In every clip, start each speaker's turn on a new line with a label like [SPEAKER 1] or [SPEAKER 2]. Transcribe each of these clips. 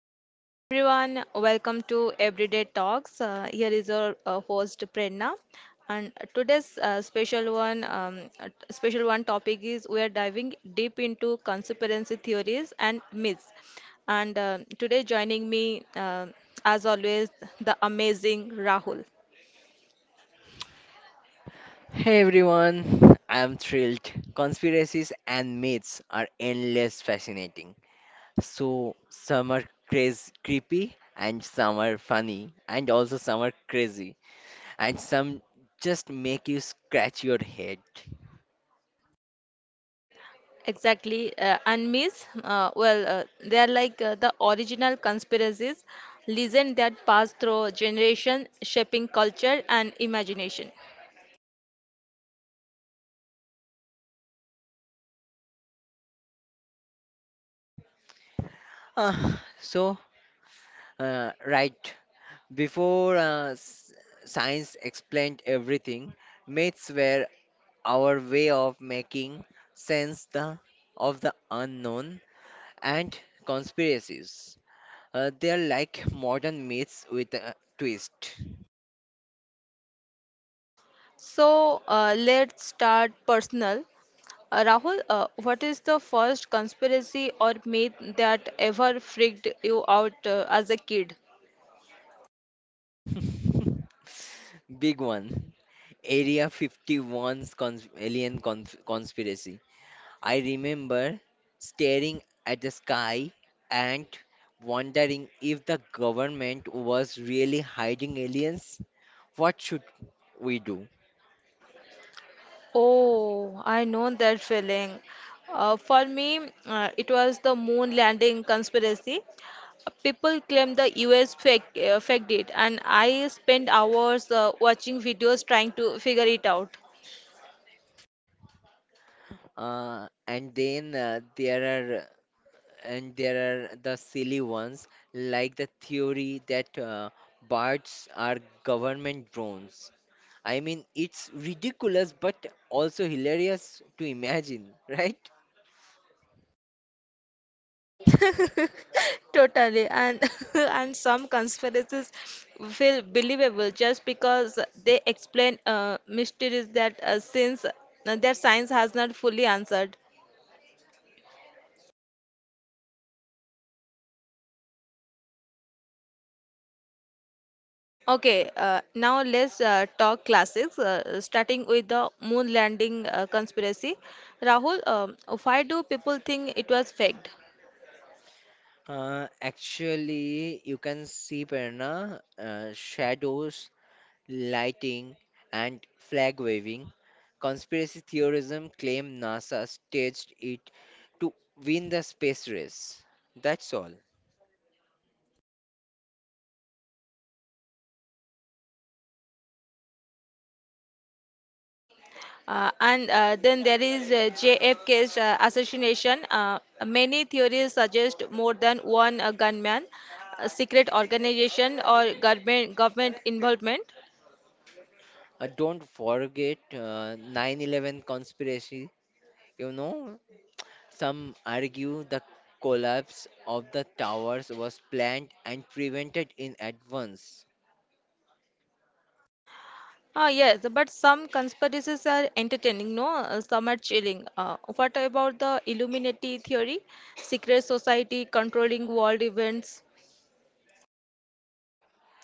[SPEAKER 1] Okay, hi everyone. Welcome to Everyday Talks. Here is our host Prerna, and today's special one topic is we are diving deep into conspiracy theories and myths. And today, joining me as always, the amazing Rahul.
[SPEAKER 2] Hey everyone, I'm thrilled. Conspiracies and myths are endless fascinating. So some are crazy, creepy and some are funny and also some are crazy and some just make you scratch your head.
[SPEAKER 1] Exactly, and myths. They are like the original conspiracies, legend that pass through generation, shaping culture and imagination.
[SPEAKER 2] Ah, so uh, right before uh, s- Science explained everything, myths were our way of making sense the, of the unknown and conspiracies. They're like modern myths with a twist.
[SPEAKER 1] So let's start personal. Rahul, what is the first conspiracy or myth that ever freaked you out as a kid?
[SPEAKER 2] Big one. Area 51's conspiracy. I remember staring at the sky and wondering if the government was really hiding aliens. What should we do?
[SPEAKER 1] Oh, I know that feeling. For me, it was the moon landing conspiracy. People claim the US faked it, and I spent hours watching videos trying to figure it out.
[SPEAKER 2] Uh, and then uh, there are and there are the silly ones like the theory that birds are government drones. I mean, it's ridiculous but also hilarious to imagine, right?
[SPEAKER 1] Totally, and and some conspiracies feel believable just because they explain mysteries that since their science has not fully answered. Okay, now let's talk classics. Starting with the moon landing conspiracy, Rahul, why do people think it was faked?
[SPEAKER 2] Actually, you can see Perna, shadows, lighting, and flag waving. Conspiracy theorism claim NASA staged it to win the space race. That's all.
[SPEAKER 1] And then there is JFK's assassination. Many theories suggest more than one gunman, a secret organization, or government involvement.
[SPEAKER 2] Don't forget 9/11 conspiracy. You know, some argue the collapse of the towers was planned and prevented in advance.
[SPEAKER 1] Ah, yes, but some conspiracies are entertaining, no? Some are chilling. What about the Illuminati theory? Secret society controlling world events.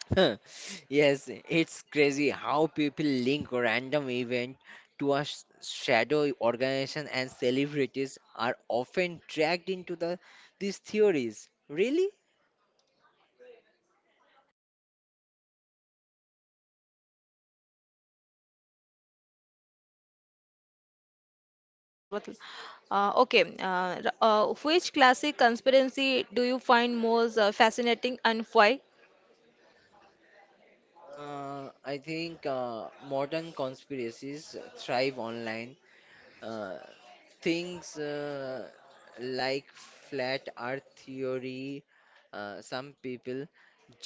[SPEAKER 2] Yes, it's crazy how people link random event to a shadow organization and celebrities are often dragged into these theories. Really?
[SPEAKER 1] Answer button. Okay, which classic conspiracy do you find most fascinating and why?
[SPEAKER 2] I think modern conspiracies thrive online. Uh, things Like flat earth theory, some people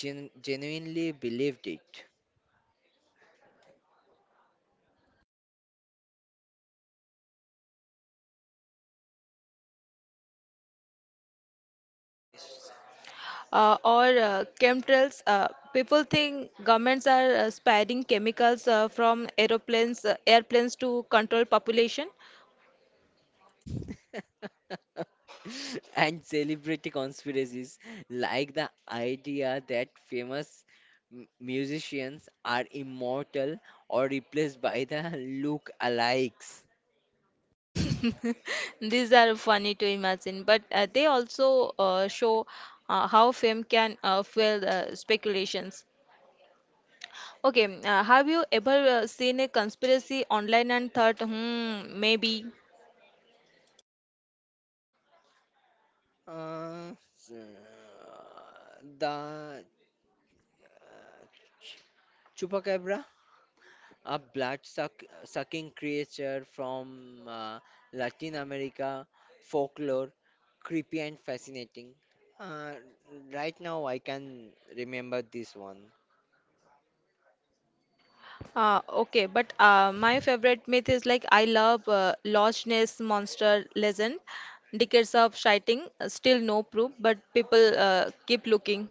[SPEAKER 2] genuinely believed it.
[SPEAKER 1] Or chemtrails. People think governments are sparing chemicals from airplanes to control population.
[SPEAKER 2] And celebrity conspiracies like the idea that famous musicians are immortal or replaced by the look-alikes.
[SPEAKER 1] These are funny to imagine, but they also show how fame can fuel speculations. Okay, have you ever seen a conspiracy online and thought, hmm, maybe?
[SPEAKER 2] Uh, the Chupacabra, a sucking creature from Latin America folklore, creepy and fascinating. Uh, right now, I can remember this one.
[SPEAKER 1] Okay, but my favorite myth is like I love Loch Ness monster legend. Decades of sighting, still no proof, but people keep looking.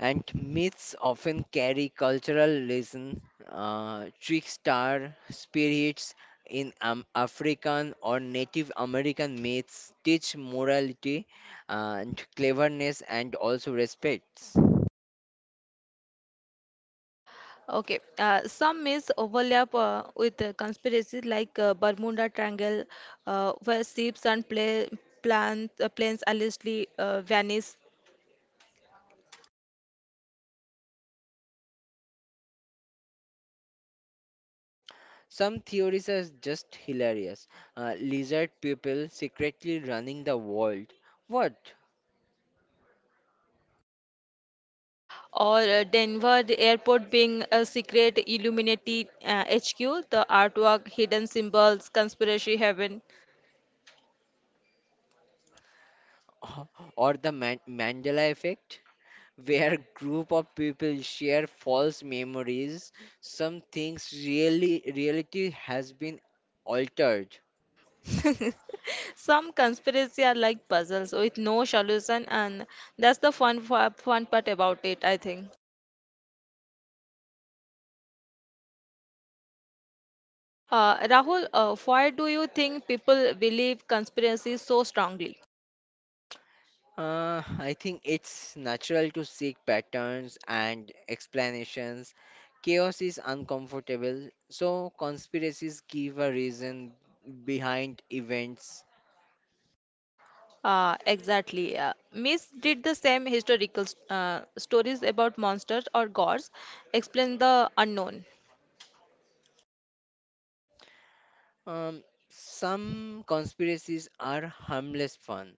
[SPEAKER 2] And myths often carry cultural lesson, trickster spirits in African or Native American myths teach morality and cleverness and also respects.
[SPEAKER 1] Okay, some myths overlap with conspiracy like Bermuda Triangle, where ships and planes allegedly vanish,
[SPEAKER 2] Some theories are just hilarious. Lizard people secretly running the world. What?
[SPEAKER 1] or Denver airport being a secret Illuminati HQ, the artwork, hidden symbols, conspiracy heaven.
[SPEAKER 2] Or the Mandela effect, where group of people share false memories. Some things really reality has been altered.
[SPEAKER 1] Some conspiracy are like puzzles with no solution, and that's the fun part about it, I think. Rahul, why do you think people believe conspiracy so strongly?
[SPEAKER 2] I think it's natural to seek patterns and explanations. Chaos is uncomfortable, so conspiracies give a reason behind events.
[SPEAKER 1] Exactly. Myths did the same historical stories about monsters or gods, explain the unknown.
[SPEAKER 2] Um, some conspiracies are harmless fun,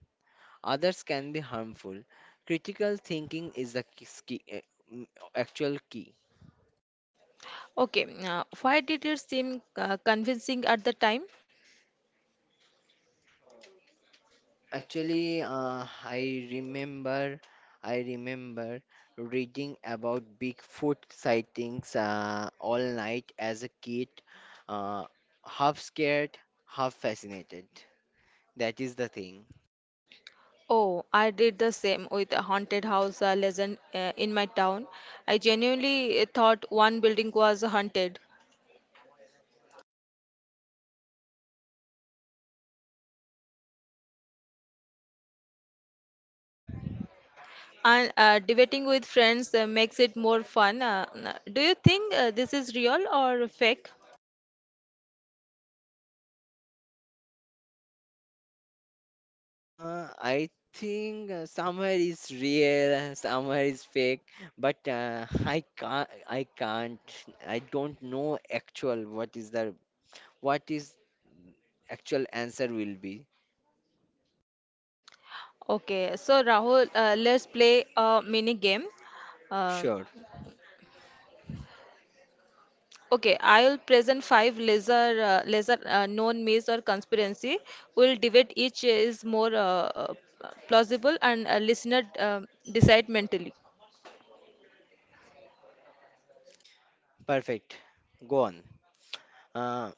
[SPEAKER 2] others can be harmful. Critical thinking is the mm, actual key.
[SPEAKER 1] Okay, why did it seem convincing at the time?
[SPEAKER 2] Actually, I remember reading about Bigfoot sightings all night as a kid, uh, half scared, half fascinated. That is the thing.
[SPEAKER 1] Oh, I did the same with a haunted house legend in my town. I genuinely thought one building was haunted. And debating with friends makes it more fun. Do you think this is real or fake?
[SPEAKER 2] I think somewhere is real, somewhere is fake, but I don't know actual what is the what is actual answer will be.
[SPEAKER 1] Okay, so Rahul, let's play a mini game. Um,
[SPEAKER 2] Sure,
[SPEAKER 1] okay, I'll present five laser known myths or conspiracy. We'll debate each is more plausible, and listener decide mentally.
[SPEAKER 2] perfect. Go on. Uh,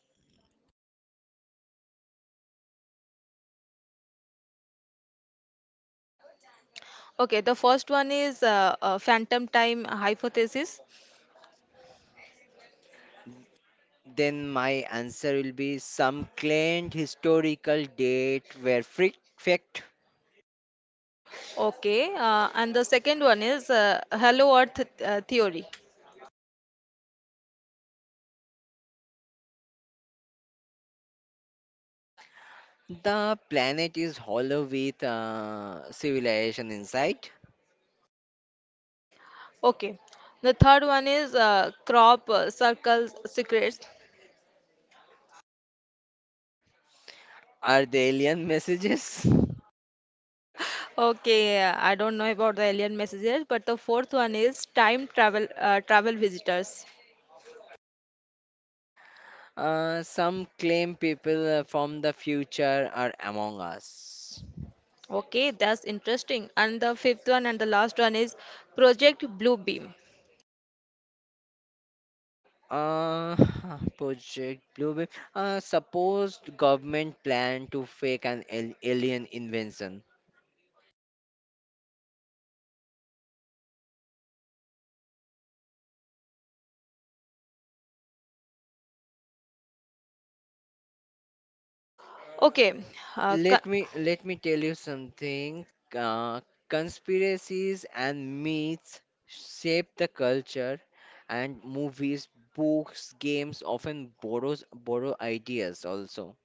[SPEAKER 1] Okay, the first one is phantom time hypothesis.
[SPEAKER 2] then my answer will be some claimed historical date where fact
[SPEAKER 1] Okay, and the second one is hello earth theory.
[SPEAKER 2] the planet is hollow with civilization inside.
[SPEAKER 1] Okay, the third one is crop circle secrets.
[SPEAKER 2] Are the alien messages?
[SPEAKER 1] Okay, I don't know about the alien messages, but the fourth one is time travel visitors.
[SPEAKER 2] Some claim people from the future are among us.
[SPEAKER 1] Okay, that's interesting. And the fifth one and the last one is Project Blue Beam.
[SPEAKER 2] Uh, Project Blue Beam. Supposed government plan to fake an alien invention.
[SPEAKER 1] Okay, uh,
[SPEAKER 2] Let
[SPEAKER 1] co-
[SPEAKER 2] me let me tell you something. Uh, Conspiracies and myths shape the culture, and movies, books, games often borrow ideas also.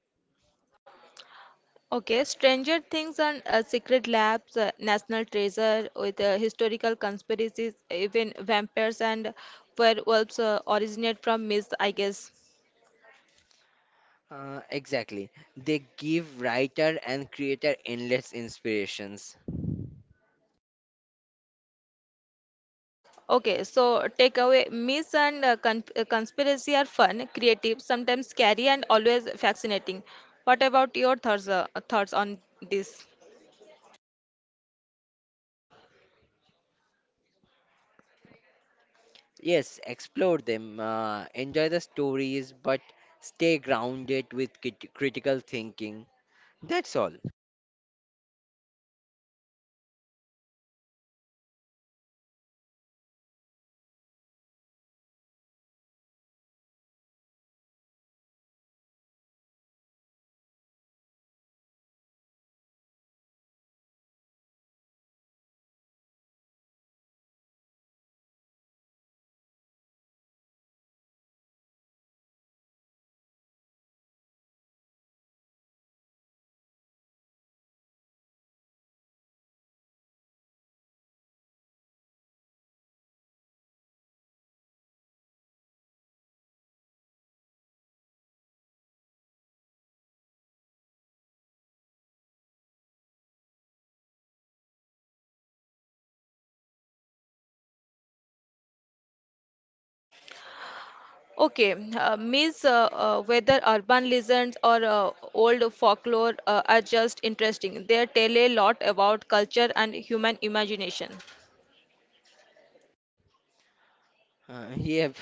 [SPEAKER 1] Okay, Stranger Things and Secret Labs, National Treasure with historical conspiracies, even vampires and werewolves originate from myths, I guess.
[SPEAKER 2] Exactly. They give writer and creator endless inspirations.
[SPEAKER 1] Okay, so takeaway myths and conspiracy are fun, creative, sometimes scary, and always fascinating. What about your thoughts on this?
[SPEAKER 2] Yes, explore them, enjoy the stories, but stay grounded with critical thinking. That's all.
[SPEAKER 1] Okay, means whether urban legends or old folklore are just interesting. They tell a lot about culture and human imagination.
[SPEAKER 2] Yep,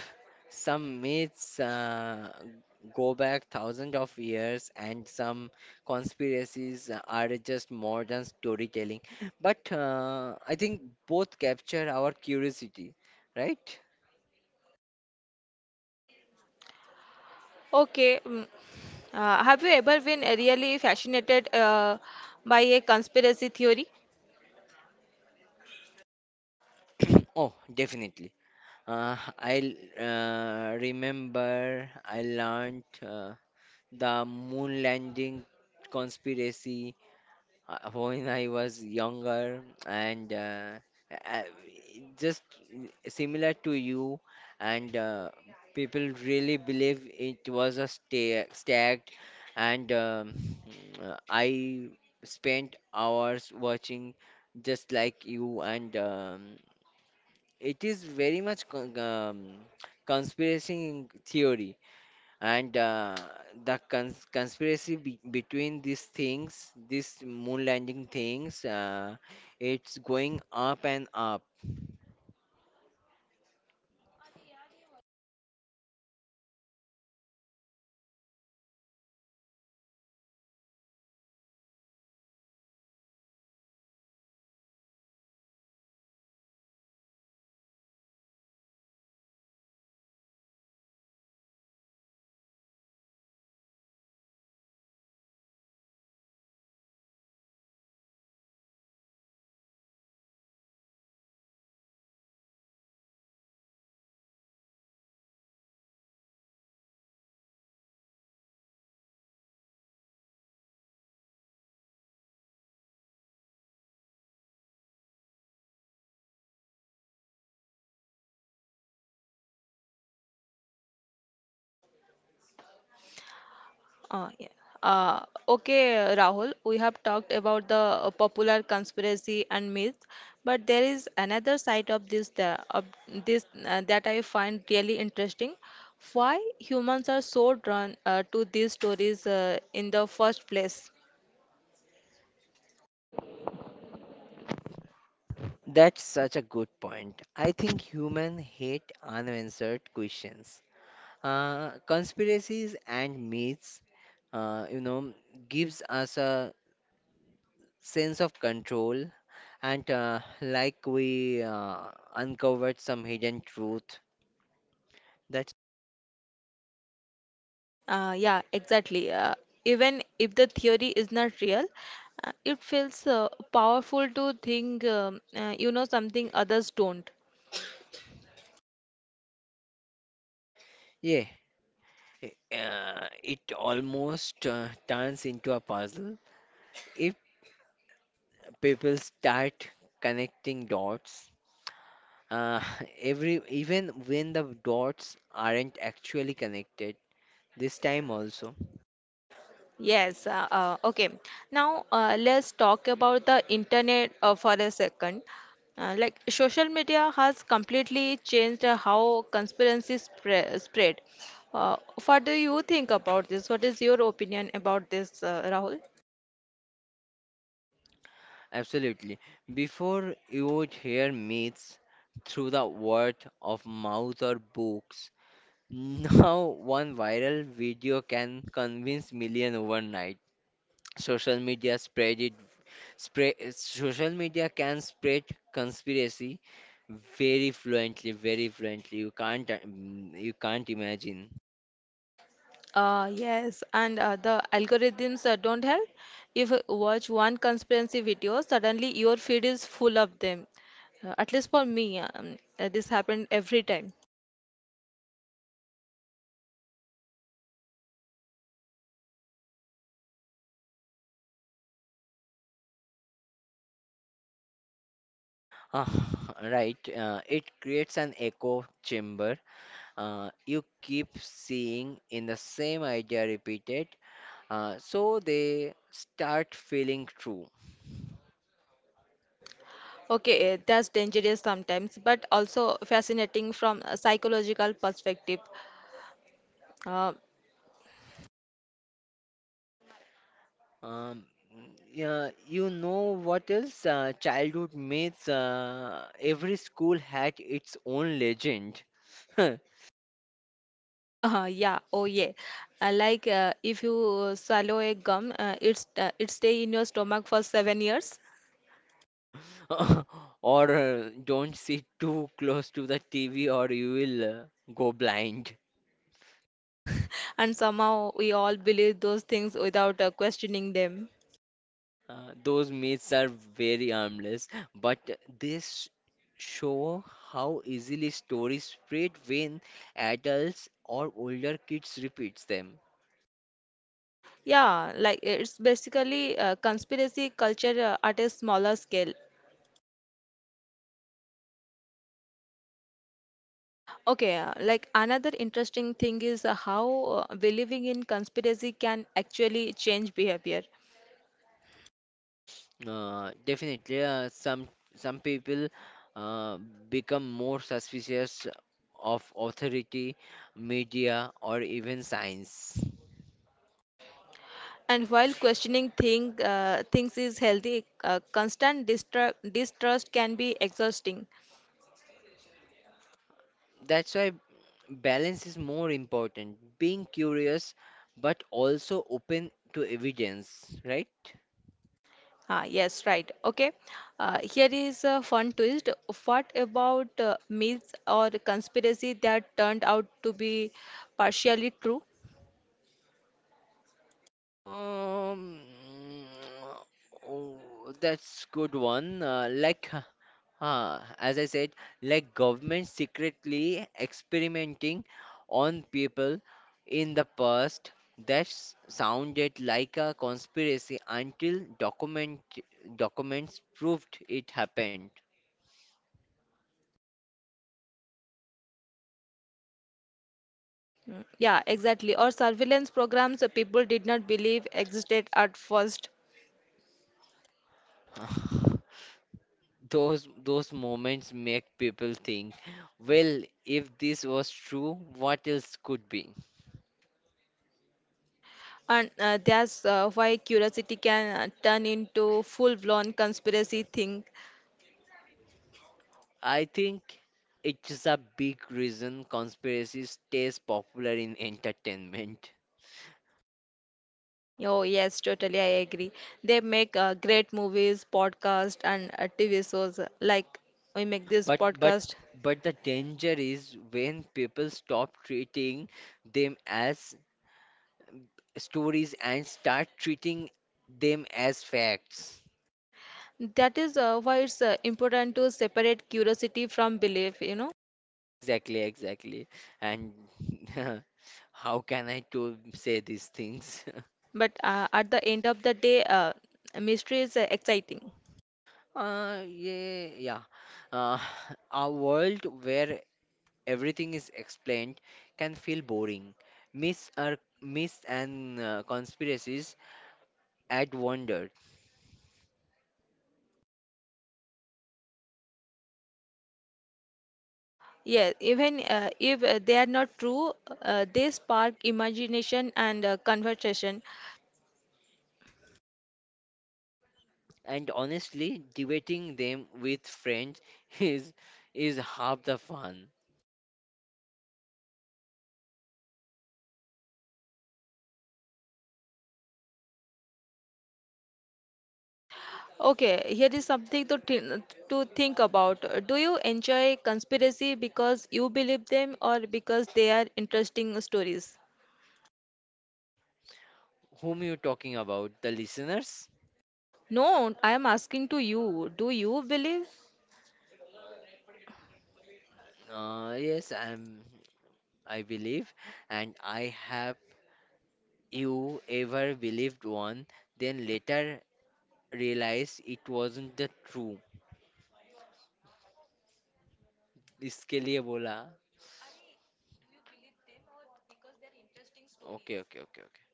[SPEAKER 2] some myths go back thousands of years, and some conspiracies are just modern storytelling. But I think both capture our curiosity, right?
[SPEAKER 1] Okay, have you ever been really fascinated by a conspiracy theory?
[SPEAKER 2] Oh, definitely. I learned the moon landing conspiracy when I was younger, and uh, just similar to you, and people really believe it was a stag, and I spent hours watching just like you and. It is very much conspiracy theory, and conspiracy between these things, these moon landing things, it's going up and up.
[SPEAKER 1] Yeah. Okay, Rahul, we have talked about the popular conspiracy and myth, but there is another side of this the of this that I find really interesting. Why humans are so drawn to these stories in the first place?
[SPEAKER 2] That's such a good point. I think human hate unanswered questions. Conspiracies and myths, uh, you know, gives us a sense of control, and like we uncovered some hidden truth. That's
[SPEAKER 1] Yeah, exactly. Even if the theory is not real, it feels powerful to think you know something others don't.
[SPEAKER 2] yeah, it almost turns into a puzzle. If people start connecting dots, uh, every even when the dots aren't actually connected, this time also.
[SPEAKER 1] Yes, okay. Now let's talk about the internet for a second. Like social media has completely changed how conspiracies spread. Uh, what do you think about this? What is your opinion about this, Rahul?
[SPEAKER 2] Absolutely. Before you would hear myths through the word of mouth or books, now, one viral video can convince million overnight. Social media spread it. Social media can spread conspiracy very fluently, very fluently. You can't imagine.
[SPEAKER 1] Yes, and the algorithms don't help. If you watch one conspiracy video, suddenly your feed is full of them. At least for me, this happened every time.
[SPEAKER 2] Ah, right. It creates an echo chamber. You keep seeing in the same idea repeated, so they start feeling true.
[SPEAKER 1] Okay, eh, that's dangerous sometimes, but also fascinating from a psychological perspective. Uh,
[SPEAKER 2] Um, yeah, you know what else? Childhood myths. Every school had its own legend.
[SPEAKER 1] yeah, oh yeah. Like if you swallow a gum, it stay in your stomach for 7 years,
[SPEAKER 2] Or don't sit too close to the TV or you will go blind.
[SPEAKER 1] and somehow we all believe those things without questioning them.
[SPEAKER 2] Those myths are very harmless, but this show how easily stories spread when adults or older kids repeats them.
[SPEAKER 1] Yeah, like it's basically conspiracy culture at a smaller scale. Okay, like another interesting thing is how believing in conspiracy can actually change behavior.
[SPEAKER 2] Definitely, some people uh, become more suspicious of authority, media, or even science.
[SPEAKER 1] And while questioning things is healthy, constant distrust can be exhausting.
[SPEAKER 2] That's why balance is more important. Being curious, but also open to evidence, right?
[SPEAKER 1] Ah, yes, right. Okay. Here is a fun twist. What about myths or conspiracy that turned out to be partially true?
[SPEAKER 2] Um, oh, that's good one. As I said, like government secretly experimenting on people in the past. That sounded like a conspiracy until documents proved it happened.
[SPEAKER 1] Yeah, exactly. Or surveillance programs that people did not believe existed at first.
[SPEAKER 2] Those moments make people think, well, if this was true, what else could be?
[SPEAKER 1] And that's why curiosity can turn into full-blown conspiracy thing.
[SPEAKER 2] I think it's a big reason conspiracy stays popular in entertainment.
[SPEAKER 1] Oh, yes, totally. I agree. They make great movies, podcasts, and TV shows like we make this
[SPEAKER 2] But but
[SPEAKER 1] podcast.
[SPEAKER 2] but the danger is when people stop treating them as stories and start treating them as facts.
[SPEAKER 1] That is why it's important to separate curiosity from belief, you know.
[SPEAKER 2] Exactly. And how can I to say these things?
[SPEAKER 1] But at the end of the day, mystery is exciting.
[SPEAKER 2] Yeah. Uh, a world where everything is explained can feel boring. Myths are myths and conspiracies add wonder,
[SPEAKER 1] Yeah, even if they are not true, they spark imagination and conversation.
[SPEAKER 2] and honestly, debating them with friends is is half the fun.
[SPEAKER 1] Okay, here is something to to think about. Do you enjoy conspiracy because you believe them or because they are interesting stories?
[SPEAKER 2] Whom you talking about? The listeners?
[SPEAKER 1] No, I am asking to you. Do you believe?
[SPEAKER 2] Yes, I'm. I believe, and I have you ever believed one, then later realized it wasn't the true. इसके लिए बोला Okay, okay, okay, okay.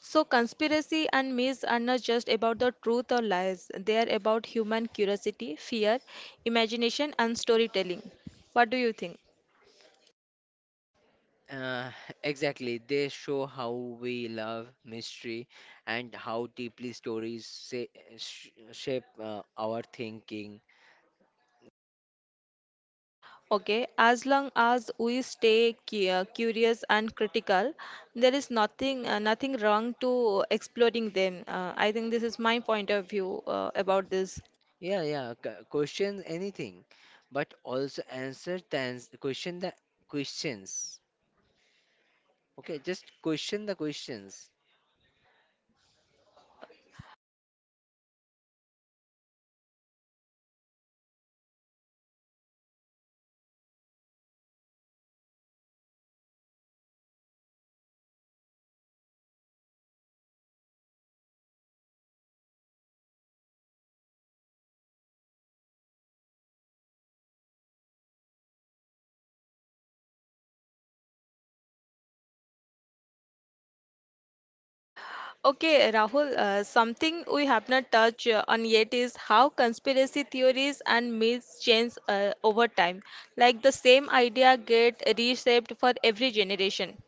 [SPEAKER 1] So conspiracy and myths are not just about the truth or lies. They are about human curiosity, fear, imagination, and storytelling. What do you think?
[SPEAKER 2] Uh, exactly. They show how we love mystery and how deeply stories say, sh shape our thinking.
[SPEAKER 1] Okay, as long as we stay curious and critical, there is nothing wrong to exploring them. I think this is my point of view about this.
[SPEAKER 2] Yeah, yeah. Question anything, but also question the questions. Okay, just question the questions.
[SPEAKER 1] Okay, Rahul, something we have not touched on yet is how conspiracy theories and myths change over time. Like the same idea get reshaped for every generation.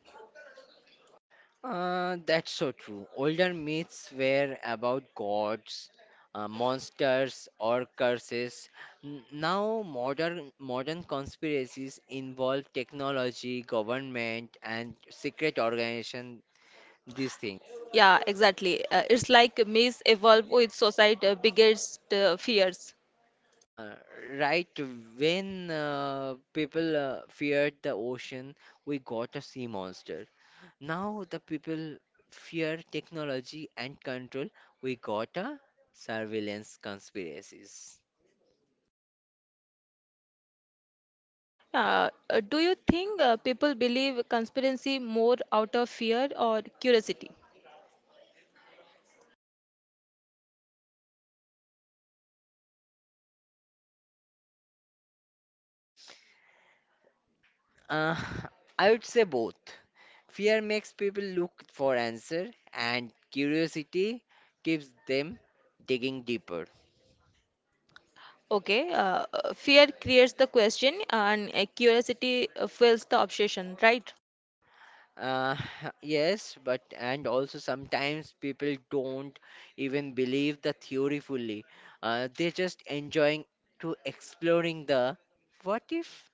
[SPEAKER 2] That's so true. Older myths were about gods, monsters, or curses. Now, modern conspiracies involve technology, government, and secret organization. These things,
[SPEAKER 1] Yeah, exactly. It's like myths evolve with society' biggest fears.
[SPEAKER 2] uh, right? When people feared the ocean, we got a sea monster. Now, the people fear technology and control. We got a surveillance conspiracies.
[SPEAKER 1] Do you think people believe conspiracy more out of fear or curiosity?
[SPEAKER 2] Uh, I would say both. Fear makes people look for answer, and curiosity keeps them digging deeper.
[SPEAKER 1] Okay, fear creates the question and curiosity fills the obsession, right?
[SPEAKER 2] Uh, yes, but and also sometimes people don't even believe the theory fully. They're just enjoying to exploring the what if.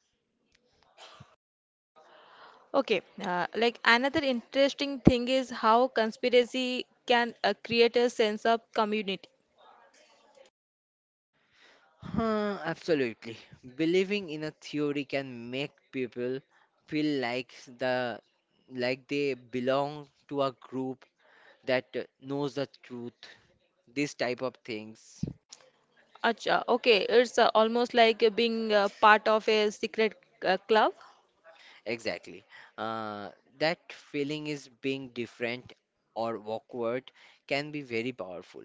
[SPEAKER 1] Okay, like another interesting thing is how conspiracy can create a sense of community.
[SPEAKER 2] Huh, absolutely. Believing in a theory can make people feel like they belong to a group that knows the truth, these type of things.
[SPEAKER 1] Acha, okay, it's almost like being part of a secret club.
[SPEAKER 2] Exactly. uh, that feeling is being different or awkward can be very powerful.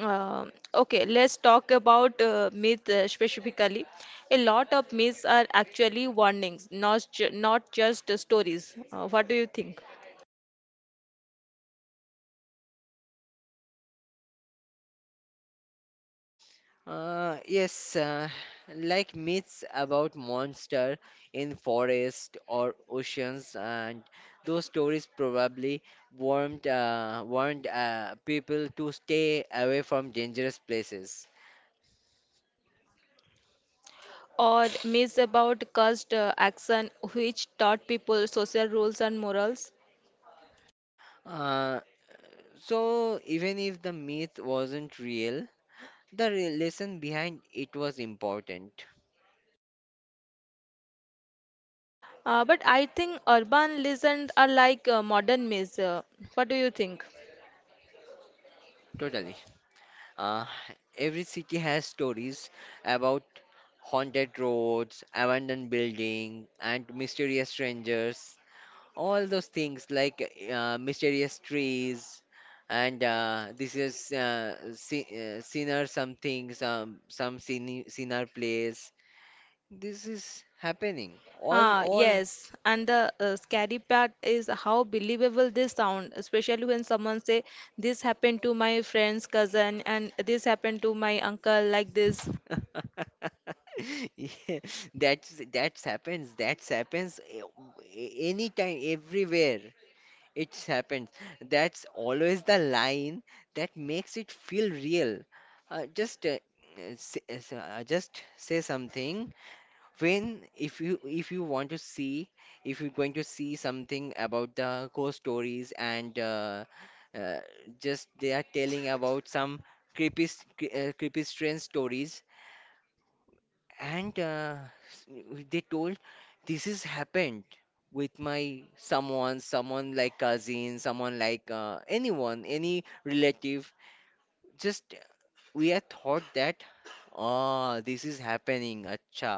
[SPEAKER 1] Okay, let's talk about myth specifically. A lot of myths are actually warnings, not just stories. What do you think?
[SPEAKER 2] Yes, like myths about monster in forest or oceans and those stories probably warned people to stay away from dangerous places.
[SPEAKER 1] Or myths about cursed action, which taught people social rules and morals.
[SPEAKER 2] uh, so even if the myth wasn't real, the lesson behind it was important.
[SPEAKER 1] But I think urban legends are like modern myths. What do you think?
[SPEAKER 2] Totally. Uh, every city has stories about haunted roads, abandoned buildings, and mysterious strangers. All those things like mysterious trees, and sinner something, some sinner place. This is happening.
[SPEAKER 1] Ah,
[SPEAKER 2] All
[SPEAKER 1] yes. And the scary part is how believable this sound, especially when someone say this happened to my friend's cousin and this happened to my uncle like this.
[SPEAKER 2] yeah, that's happens. That's happens anytime, everywhere. It happens. That's always the line that makes it feel real. Uh, just uh, just say something when if you want to see if you're going to see something about the ghost stories and uh, just they are telling about some creepy strange stories and s- they told this has happened with my someone someone like cousin someone like anyone any relative just we had thought that oh this is happening acha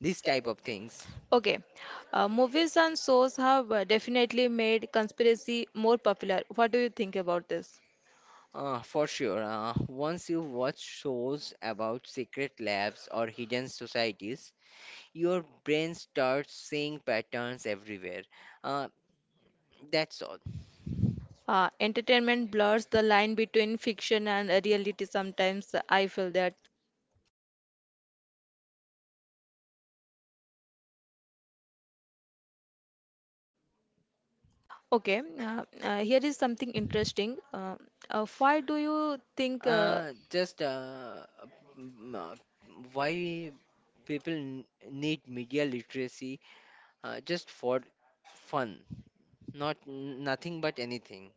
[SPEAKER 2] this type of things.
[SPEAKER 1] Okay. Movies and shows have definitely made conspiracy more popular. What do you think about this?
[SPEAKER 2] For sure, once you watch shows about secret labs or hidden societies your brain starts seeing patterns everywhere. uh, that's all.
[SPEAKER 1] Entertainment blurs the line between fiction and reality sometimes. I feel that. Okay, here is something interesting. Why do you think
[SPEAKER 2] Uh, just uh, m- uh, why people need media literacy, just for fun, nothing but anything.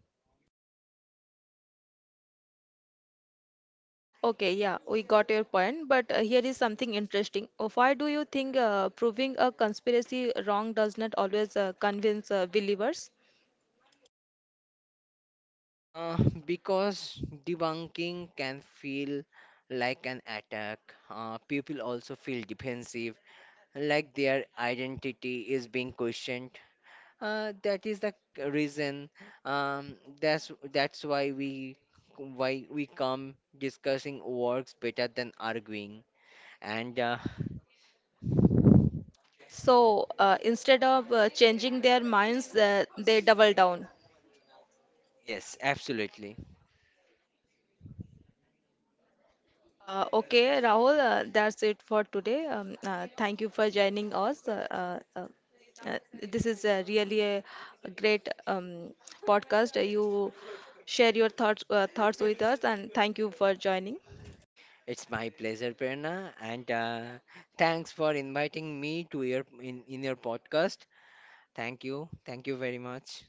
[SPEAKER 1] okay, yeah, we got your point, but here is something interesting. Why do you think proving a conspiracy wrong does not always convince believers?
[SPEAKER 2] Uh, because debunking can feel like an attack. People also feel defensive, like their identity is being questioned. That is the reason. That's why we come discussing works better than arguing. And
[SPEAKER 1] So instead of changing their minds, they double down.
[SPEAKER 2] yes, absolutely.
[SPEAKER 1] Okay, Rahul, that's it for today. Thank you for joining us. This is really a great podcast. You share your thoughts with us, and thank you for joining.
[SPEAKER 2] It's my pleasure, Prerna, and thanks for inviting me to your in your podcast. Thank you. Thank you very much.